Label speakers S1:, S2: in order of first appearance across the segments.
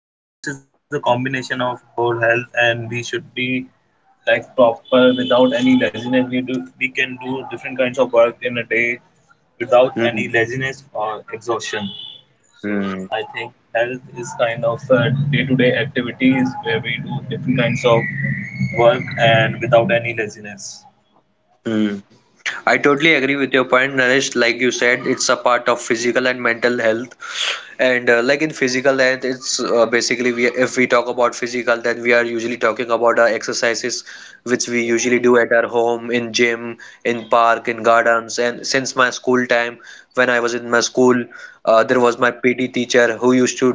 S1: these this is a combination of whole health, and we should be like proper, without any laziness, we can do different kinds of work in a day without
S2: Hmm.
S1: any laziness or exhaustion. So
S2: Hmm.
S1: I think health is kind of day-to-day activities where we do different kinds of work and without any laziness.
S2: Hmm. I totally agree with your point, Naresh. Like you said, it's a part of physical and mental health. And like in physical health, it's basically, we if we talk about physical, then we are usually talking about our exercises which we
S1: Yes.
S2: usually do at our home, in gym, in park, in gardens. And since my school time, when I was in my school, there was my PT teacher who used to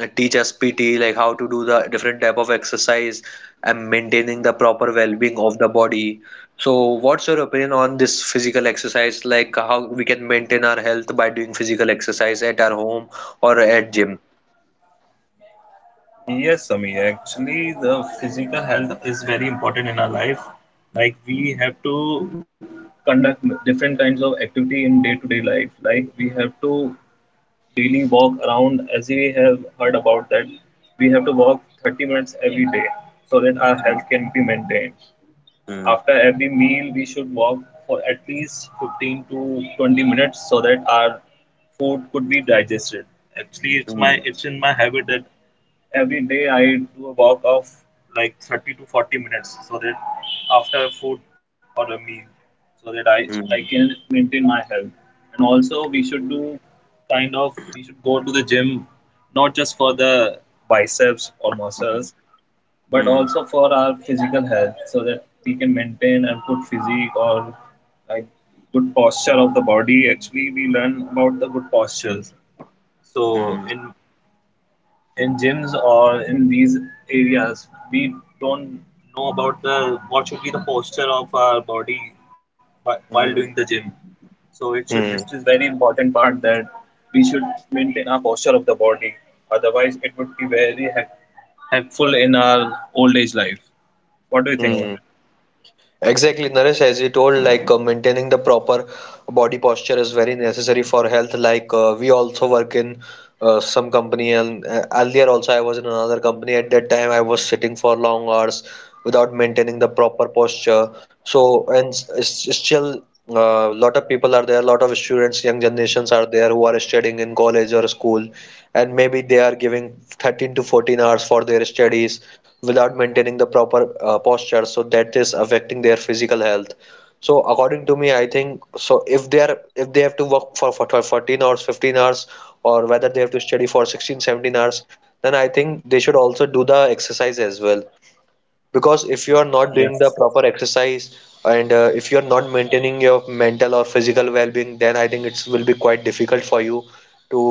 S2: teach us PT, like how to do the different type of exercise and maintaining the proper well-being of the body. So, what's your opinion on this physical exercise? Like how we can maintain our health by doing physical exercise at our home or at gym?
S1: Yes, Sami. Actually, the physical health is very important in our life. Like we have to conduct different kinds of activity in day-to-day life. Like we have to daily walk around, as we have heard about that. We have to walk 30 minutes every day so that our health can be maintained.
S2: Mm.
S1: After every meal, we should walk for at least 15 to 20 minutes so that our food could be digested. Actually,
S2: Hmm.
S1: it's in my habit that every day I do a walk of like 30 to 40 minutes, so that after food or a meal, so that I
S2: Mm,
S1: can maintain my health. And also, we should do kind of we should go to the gym, not just for the biceps or muscles, but
S2: mm,
S1: also for our physical health, so that we can maintain a good physique, or like good posture of the body. Actually, we learn about the good postures.
S2: mm.
S1: So in gyms or in these areas, we don't know about the what should be the posture of our body while doing the
S2: Hmm.
S1: gym. So
S2: Hmm.
S1: it is very important part that we should maintain our posture of the body. Otherwise it would be very helpful in our old age life. What do you think
S2: Hmm.
S1: about it?
S2: Exactly, Naresh, as you told, like maintaining the proper body posture is very necessary for health. Like we also work in some company, and earlier also I was in another company. At that time, I was sitting for long hours without maintaining the proper posture. So, and still, a lot of people are there, a lot of students, young generations are there who are studying in college or school, and maybe they are giving 13 to 14 hours for their studies without maintaining the proper posture, so that is affecting their physical health. So according to me, I think, so if they have to work for 14 hours, 15 hours, or whether they have to study for 16, 17 hours, then I think they should also do the exercise as well. Because if you are not
S1: Yes,
S2: doing the proper exercise, and if you are not maintaining your mental or physical well-being, then I think it will be quite difficult for you to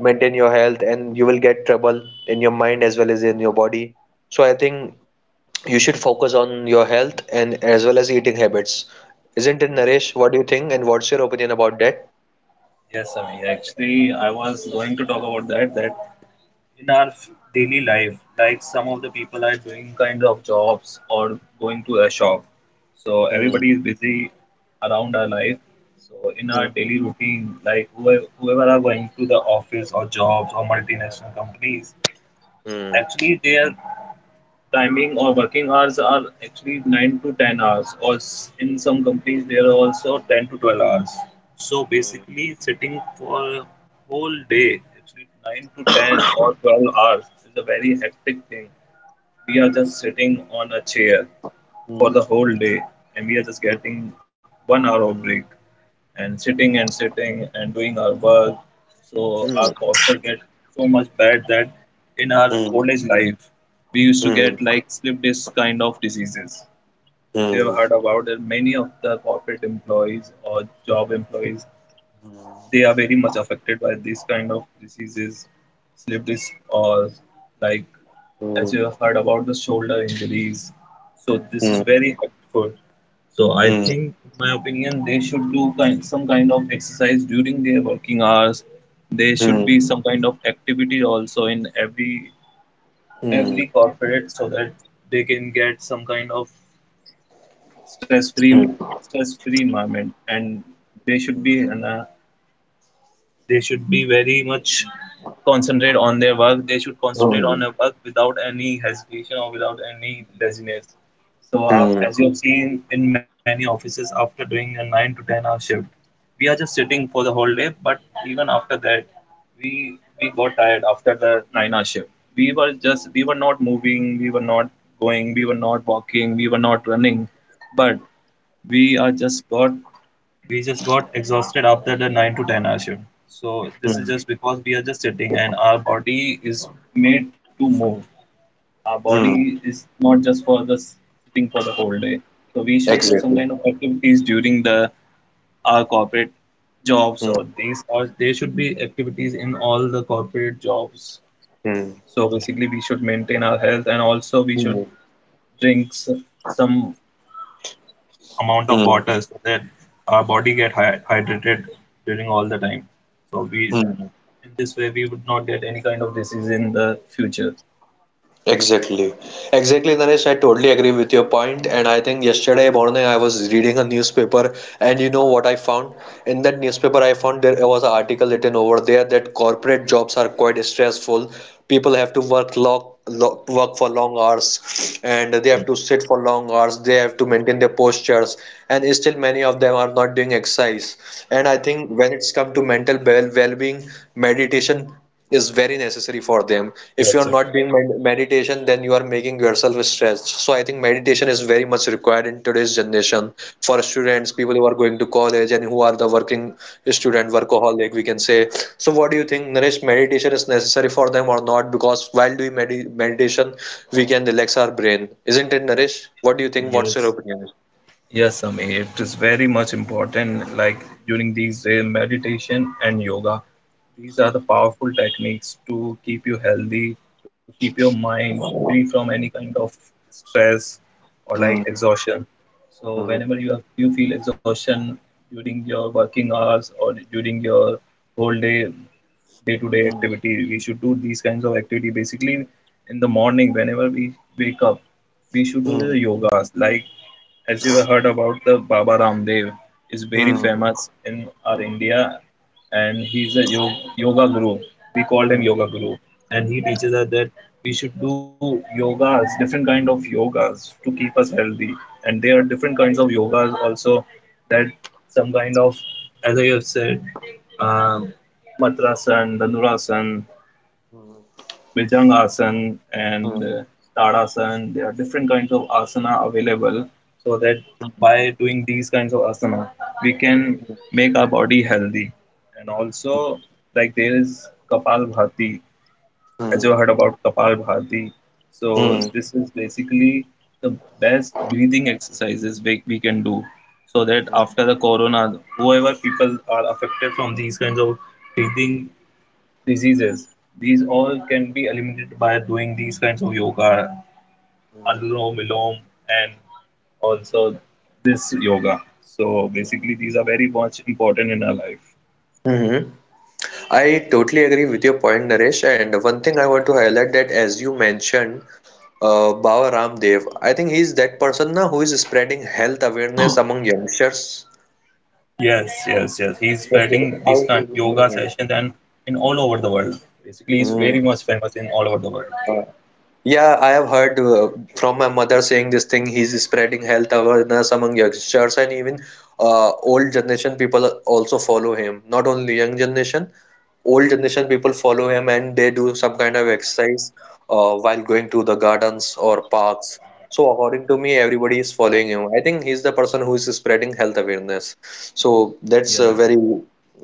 S2: maintain your health, and you will get trouble in your mind as well as in your body. So I think you should focus on your health and as well as eating habits. Isn't it,
S1: yes,
S2: Naresh? What do you think, and what's your opinion about that?
S1: yes, Ami. Actually, I was going to talk about that, that in our daily life, like some of the people are doing kind of jobs or going to a shop. So
S2: Hmm,
S1: everybody is busy around our life. So in
S2: hmm,
S1: our daily routine, like whoever are going to the office or jobs or multinational companies,
S2: hmm,
S1: actually they are timing or working hours are actually 9 to 10 hours, or in some companies, there are also 10 to 12 hours. So
S2: hmm,
S1: basically, sitting for a whole day, actually 9 to 10 or 12 hours, is a very hectic thing. We are just sitting on a chair for the whole day, and we are just getting one hour of break and sitting and sitting and doing our work.
S2: hmm,
S1: So
S2: hmm, hmm, hmm,
S1: our posture get so much bad that in our
S2: hmm,
S1: old age life, we used to
S2: hmm,
S1: get like slip disc kind of diseases. As you
S2: hmm,
S1: have heard about that, many of the corporate employees or job employees, they are very much affected by these kind of diseases, slip disc, or like,
S2: hmm.
S1: as you have heard about the shoulder injuries. So this
S2: Hmm,
S1: is very hurtful. So I
S2: hmm,
S1: think, in my opinion, they should do some kind of exercise during their working hours. There should be
S2: mm,
S1: some kind of activity also in every
S2: mm,
S1: every corporate so that they can get some kind of stress-free
S2: mm,
S1: stress-free environment. And they should be in a they should be very much concentrate on their work they should concentrate on
S2: mm,
S1: their work without any hesitation or without any laziness. So
S2: mm,
S1: as you have seen in many offices, after doing a 9 to 10 hour shift, we are just sitting for the whole day, but even after that, we got tired after the 9-hour shift. We were not moving, we were not going, we were not walking, we were not running, but we are just got we just got exhausted after the 9 to 10 hour shift. So this is
S2: mm,
S1: just because we are just sitting, and our body is made to move. Our
S2: mm,
S1: body is not just for the sitting for the whole day. So we should do some
S2: exactly.
S1: kind of activities during the our corporate jobs
S2: Mm,
S1: or these, or there should be activities in all the corporate jobs.
S2: mm,
S1: So basically, we should maintain our health, and also we should
S2: mm,
S1: drink some amount of
S2: mm,
S1: water so that our body get hydrated during all the time. So we
S2: mm,
S1: in this way we would not get any kind of disease in the future.
S2: exactly. Exactly, Naresh. I totally agree with your point. And I think yesterday morning I was reading a newspaper, and you know what I found? In that newspaper, I found there was an article written over there that corporate jobs are quite stressful. People have to work long, lo work for long hours, and they have
S1: Yeah.
S2: to sit for long hours. They have to maintain their postures, and still many of them are not doing exercise. And I think when it's come to mental well-being, meditation is very necessary for them. If
S1: Yes.
S2: you're
S1: So.
S2: not doing meditation, then you are making yourself stressed. So I think meditation is very much required in today's generation for students, people who are going to college, and who are the working student, workaholic, we can say. So what do you think, Naresh? Meditation is necessary for them or not? Because while doing meditation, we can relax our brain. Isn't it, Naresh? What do you think? What's your
S1: Yes.
S2: opinion?
S1: Yes, Amir, it is very much important. Like during these days, meditation and yoga, these are the powerful techniques to keep you healthy, to keep your mind free from any kind of stress or like
S2: Hmm,
S1: exhaustion. So
S2: hmm,
S1: whenever you feel exhaustion during your working hours or during your whole day, day-to-day activity, we should do these kinds of activity basically in the morning whenever we wake up. We should do
S2: hmm,
S1: the yogas. Like, as you have heard about, the Baba Ramdev is very
S2: hmm, hmm,
S1: famous in our India, and he's a yoga guru. We call him yoga guru, and he teaches us that we should do yogas, different kind of yogas to keep us healthy. And there are different kinds of yogas also, that some kind of, as I have said, um, Matrasana, Dandurasana, Bhujangasana, and
S2: hmm,
S1: Tadasana. There are different kinds of asana available so that
S2: hmm,
S1: by doing these kinds of asana, we can make our body healthy. And also, like there is Kapalbhati,
S2: hmm, hmm, hmm,
S1: as you
S2: hmm,
S1: heard
S2: hmm.
S1: about Kapalbhati.
S2: Hmm,
S1: So,
S2: hmm,
S1: this is basically the best breathing exercises we can do, so that after the corona, whoever people are affected from these kinds of breathing diseases, these all can be eliminated by doing these kinds of yoga, Anulom Vilom, and also this yoga. So basically, these are very much important in our life.
S2: hmm, hmm. I totally agree with your point, Naresh. And one thing I want to highlight, that as you mentioned, Baba Ramdev, I think he's that person now who is spreading health awareness among youngsters.
S1: Yes, yes, yes. He's
S2: Yes,
S1: spreading
S2: yes,
S1: these
S2: I
S1: kind of yoga sessions
S2: know.
S1: and in all over the world. Basically, he's very
S2: Hmm.
S1: much famous in all over the world.
S2: Yeah, I have heard from my mother saying this thing. He's spreading health awareness among youngsters, and even old generation people also follow him. Not only young generation, old generation people follow him, and they do some kind of exercise while going to the gardens or parks. So according to me, everybody is following him. I think he's the person who is spreading health awareness. So that's
S1: Yes.
S2: a very,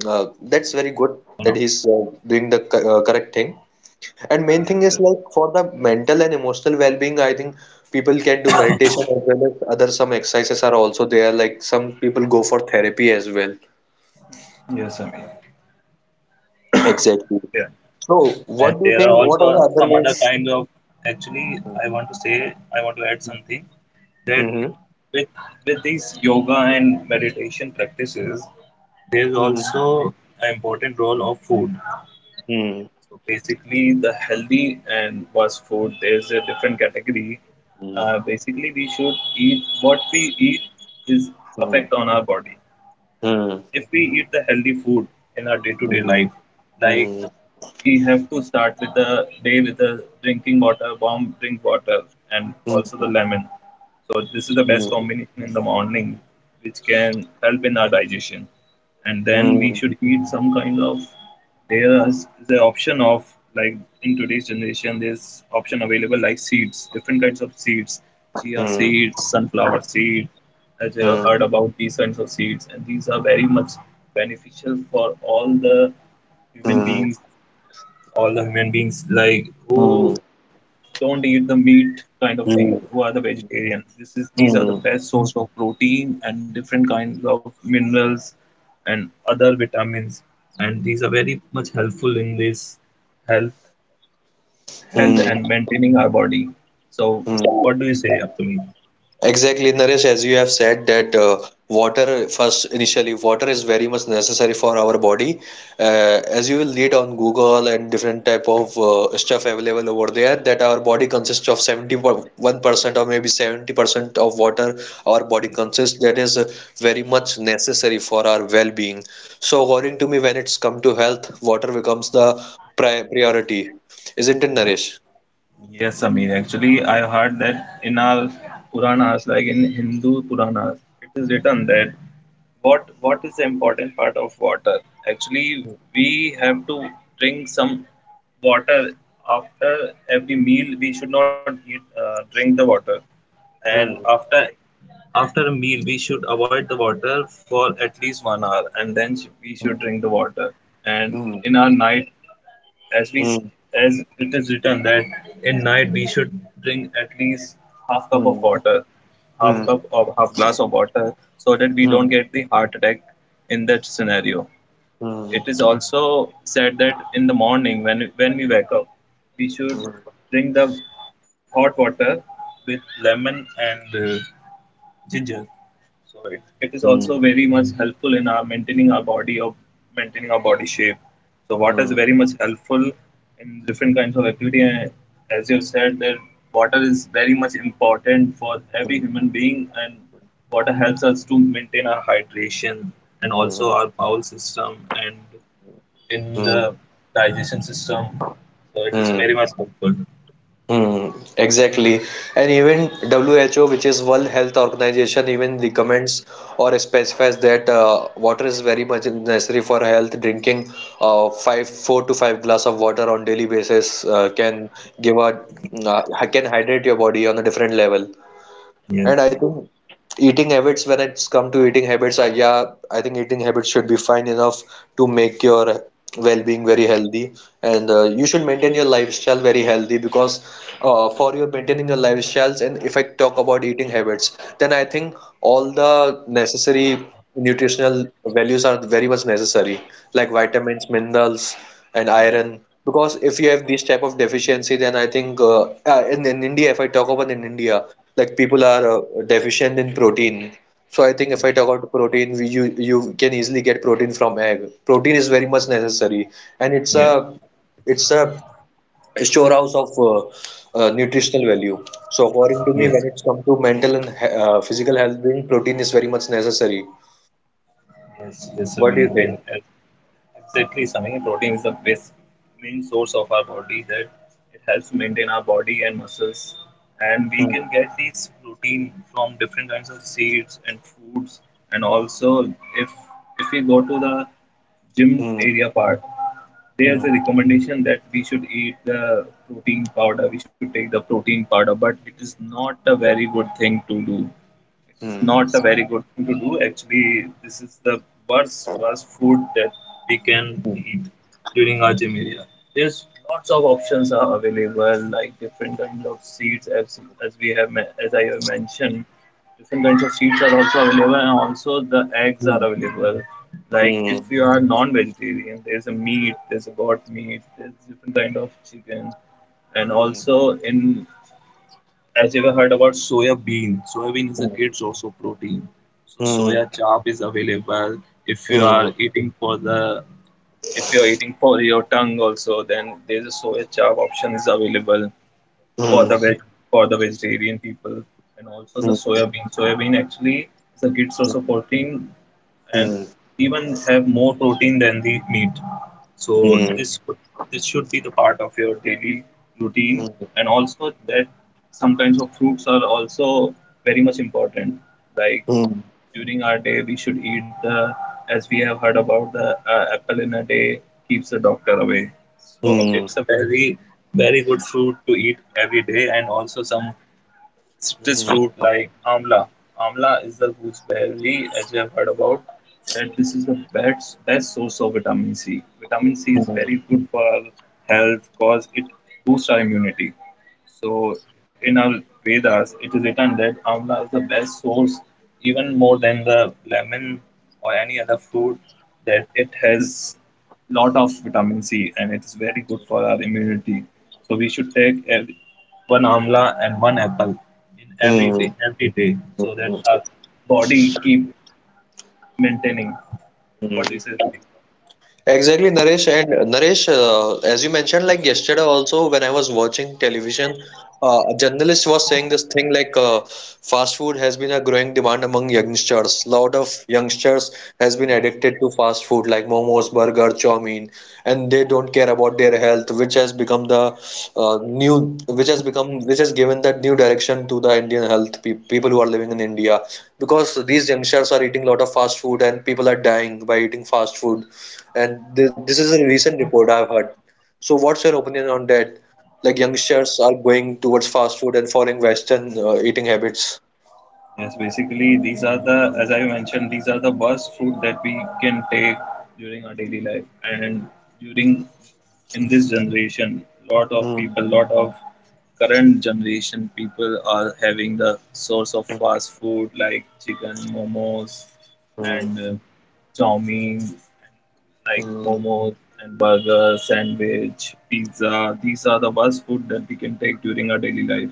S2: that's very good
S1: No, no.
S2: that he's doing the correct thing. And main thing
S1: Yes.
S2: is, like, for the mental and emotional well-being, I think people can do meditation, as well as other some exercises are also there. Like, some people go for therapy as well.
S1: Yes, I mean.
S2: Exactly.
S1: Yeah.
S2: So
S1: And
S2: what do you
S1: there
S2: think?
S1: are
S2: What are
S1: also
S2: the other
S1: some other
S2: ways?
S1: kind of, actually, i want to say I want to add something, that
S2: Mm-hmm.
S1: with with these yoga and meditation practices, there is
S2: Mm-hmm.
S1: also an important role of food.
S2: Hmm.
S1: So basically, the healthy and fast food, there's a different category. Basically, we should eat, what we eat is
S2: Hmm.
S1: effect on our body. And
S2: Hmm.
S1: if we eat the healthy food in our
S2: Hmm.
S1: day-to-day
S2: Hmm.
S1: life, like,
S2: Hmm.
S1: we have to start with the day with the drinking water, warm drink water, and
S2: Hmm.
S1: also the
S2: Hmm.
S1: lemon. So this is the best combination in the morning, which can help in our digestion. And then we should eat some kind of. There is the option of, like in today's generation, there's option available like seeds, different kinds of seeds,
S2: Hmm.
S1: chia
S2: Hmm. Hmm.
S1: seeds, sunflower seed. As you heard about these kinds of seeds, and these are very much beneficial for all the human beings all the human beings, like, who don't eat the meat kind of thing, who
S2: Hmm.
S1: are the vegetarians, this is these are
S2: Hmm.
S1: the
S2: Hmm.
S1: best source of protein and different kinds of minerals and other vitamins, and these are very much helpful in this health health
S2: Hmm.
S1: and maintaining our body. So
S2: Hmm.
S1: what do you say up?
S2: Exactly, Naresh, as you have said that water, first initially, water is very much necessary for our body. As you will read on Google and different type of stuff available over there, that our body consists of 71% or maybe 70% of water our body consists. That is very much necessary for our well-being. So according to me, when it's come to health, water becomes the priority. Isn't it, Naresh?
S1: Yes, Amir. Actually, I heard that in our Puranas, like in Hindu Puranas, it is written that what is the important part of water? Actually, we have to drink some water after every meal. We should not drink the water, and
S2: Hmm.
S1: after a meal, we should avoid the water for at least one hour, and then we should drink the water. And
S2: Hmm.
S1: in our night, as we
S2: Hmm.
S1: as it is written that in night we should drink at least half cup of
S2: Hmm.
S1: water, half
S2: Hmm.
S1: cup or half glass of water, so that we
S2: Hmm.
S1: don't get the heart attack in that scenario.
S2: Hmm.
S1: It is also said that in the morning, when we wake up, we should
S2: Hmm.
S1: drink the hot water with lemon and ginger. So it is
S2: Hmm.
S1: also very much helpful in our maintaining our body, or maintaining our body shape. So water is
S2: Hmm.
S1: very much helpful in different kinds of activity. And as you have said, that water is very much important for every human being, and water helps us to maintain our hydration and also our bowel system and in
S2: Hmm.
S1: the digestion system. So it is
S2: Hmm.
S1: very much helpful.
S2: Mm. Exactly. And even WHO, which is World Health Organization, even recommends or specifies that water is very much necessary for health. Drinking five, four to five glass of water.
S1: Yes.
S2: And I think eating habits, when it's come to eating habits, Yeah, I think eating habits should be fine enough to make your well-being very healthy. And you should maintain your lifestyle very healthy, because for your maintaining your lifestyles, and if I talk about eating habits, then I think all the necessary nutritional values are very much necessary, like vitamins, minerals, and
S1: Yes.
S2: iron, because if you have these type of deficiency, then I think, in, India, if I talk about, in India, like people are deficient in protein. So I think, if
S1: Yes.
S2: I talk about protein, we, you can easily get protein from egg. Protein is very much necessary, and it's a
S1: Yes.
S2: it's a storehouse of nutritional value. So according to me,
S1: Yes.
S2: when it's come to mental and physical health being, protein is very much necessary.
S1: Yes, yes,
S2: What
S1: Sami.
S2: do you think?
S1: It's Exactly, Sami. Protein is the best main source of our body that it helps maintain our body and muscles. And we
S2: Hmm.
S1: can get these protein from different kinds of seeds and fruits. And also, if if we go to the gym
S2: Hmm.
S1: area part, there's
S2: Hmm.
S1: a recommendation that we should eat the protein powder, but it is not a very good thing to do. It's
S2: Hmm.
S1: not a very good thing to do Actually, this is the worst food that we can eat during our gym. There's lots of options are available like different kinds of seeds as, as we have as i have mentioned. Different kinds of seeds are also available, and also the eggs are available. Like if
S2: Hmm.
S1: you are non-vegetarian, there's a meat, there's a goat meat, there's different kind of chicken. And
S2: Hmm.
S1: also in, as you ever heard about soya bean, soya bean is a
S2: Hmm.
S1: great source of protein. So soya
S2: Hmm.
S1: chop is available. If you are
S2: 嗯
S1: eating for the If you are eating for your tongue also, then there's a soya chop option is available for
S2: 嗯
S1: the veg, for the vegetarian people. And also the soya
S2: 嗯
S1: bean. Soya bean actually is a good source of protein, and
S2: 嗯嗯
S1: even have more protein than the meat. So
S2: 嗯
S1: this should be the part of your daily routine.
S2: 嗯
S1: And also that some kinds of fruits are also very much important. Like
S2: 嗯
S1: during our day, we should eat the, as we have heard about the apple in a day keeps the doctor away. So
S2: 嗯
S1: it's a very very good fruit to eat every day. And also some citrus fruit like amla. Amla is the gooseberry, as you have heard about. That this is the best source of vitamin C. Vitamin C is very good for our health because it boosts our immunity. So in our Vedas, it is written that amla is the best source, even more than the lemon or any other fruit, that it has lot of vitamin C and it is very good for our immunity. So we should take every, one amla and one apple in
S2: 嗯 嗯
S1: every day, so that our body keep maintaining. What do you
S2: 嗯。
S1: say, Samir?
S2: Exactly, Naresh. And Naresh, as you mentioned, like yesterday also, when I was watching television, a journalist was saying this thing, like fast food has been a growing demand among youngsters. Lot of youngsters has been
S1: Yes.
S2: addicted to fast food like momos, burger, chow mein, and they don't care about their health, which has become the new, which has become, which has given that new direction to the Indian health pe people who are living in India, because these youngsters are eating a lot of fast food, and people are dying by eating fast food, and this is a recent report I've heard. So, what's your opinion on that? Like youngsters are going towards fast food and following Western eating habits.
S1: Yes, basically these are the, as I mentioned, these are the best food that we can take during our daily life. And during, in this generation, lot of
S2: Hmm.
S1: people, lot of current generation people are having the source of
S2: Hmm.
S1: fast food like chicken, momos, and chowmein, like
S2: Hmm.
S1: momos and burger, sandwich, pizza. These are the fast food that we can take during our daily life,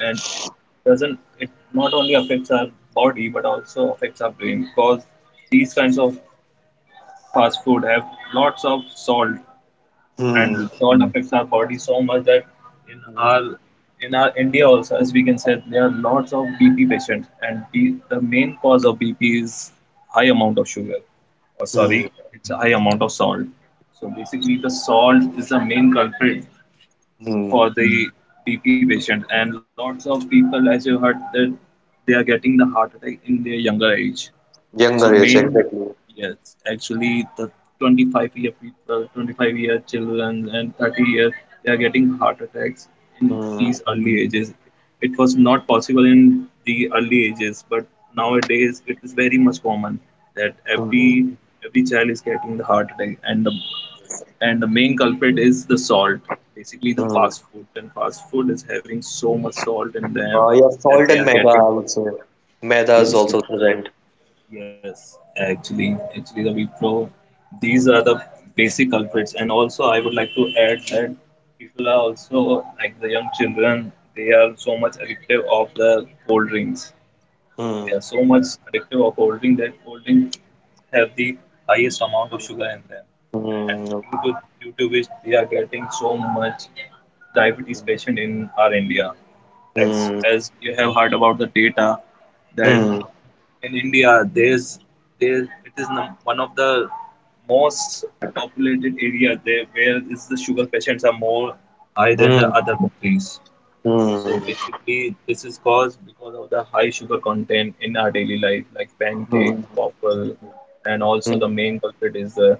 S1: and it doesn't. It not only affects our body but also affects our brain because these kinds of fast food have lots of salt,
S2: Hmm.
S1: and salt affects our body so much that in our
S2: Hmm.
S1: in our India also, as we can say, there are lots of BP patients, and B, the main cause of BP is high amount of sugar, or
S2: Hmm.
S1: sorry, it's a high amount of salt. So basically, the salt is the main culprit
S2: Hmm.
S1: for the BP patient, and lots of people, as you heard, that they are getting the heart attack in their younger age. So
S2: Younger age,
S1: main,
S2: exactly.
S1: yes, actually the 25-year people, 25-year children and 30 year, they are getting heart attacks in
S2: Hmm.
S1: these early ages. It was not possible in the early ages, but nowadays it is very much common that every
S2: Hmm.
S1: every child is getting the heart attack, and the main culprit is the salt. Basically the
S2: Hmm.
S1: fast food, and fast food is having so much salt in them
S2: Yeah,
S1: that
S2: salt
S1: they
S2: and
S1: are
S2: maida,
S1: getting
S2: I
S1: the,
S2: would say. Maida is
S1: yes.
S2: also present.
S1: Yes, actually, actually, the Wipro, these are the basic culprits. And also, I would like to add that people are also, like the young children, they are so much addictive of the cold drinks. They
S2: Hmm.
S1: are so much addictive of cold drink that cold drink have the highest amount of sugar in them, and
S2: Hmm.
S1: due to which they are getting so much diabetes patient in our India. As
S2: Hmm.
S1: as you have heard about the data, that
S2: Hmm.
S1: in India, there's, there it is num- one of the most populated area there where is the sugar patients are more high than the
S2: Hmm.
S1: other countries.
S2: Hmm.
S1: So basically, this is caused because of the high sugar content in our daily life, like pancakes,
S2: Hmm.
S1: waffle, and also
S2: Hmm.
S1: the main culprit is the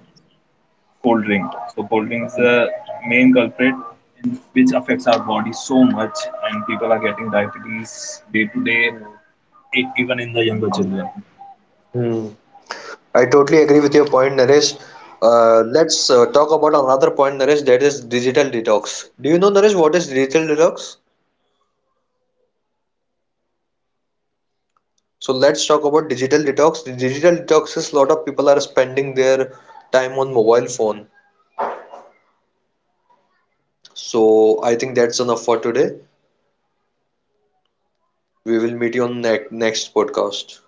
S1: cold
S2: Hmm.
S1: drink. So cold drink is the main culprit, in which affects our body so much, and people are getting diabetes day to day, even in the younger children.
S2: Hmm. I totally agree with your point, Naresh. Let's talk about another point, Naresh, that is digital detox. Do you know, Naresh, what is digital detox?
S1: Basically
S2: So let's talk about digital detox. The digital detox is, a lot of people are spending their time on mobile phone. So I think that's enough for today. We will meet you on ne next podcast.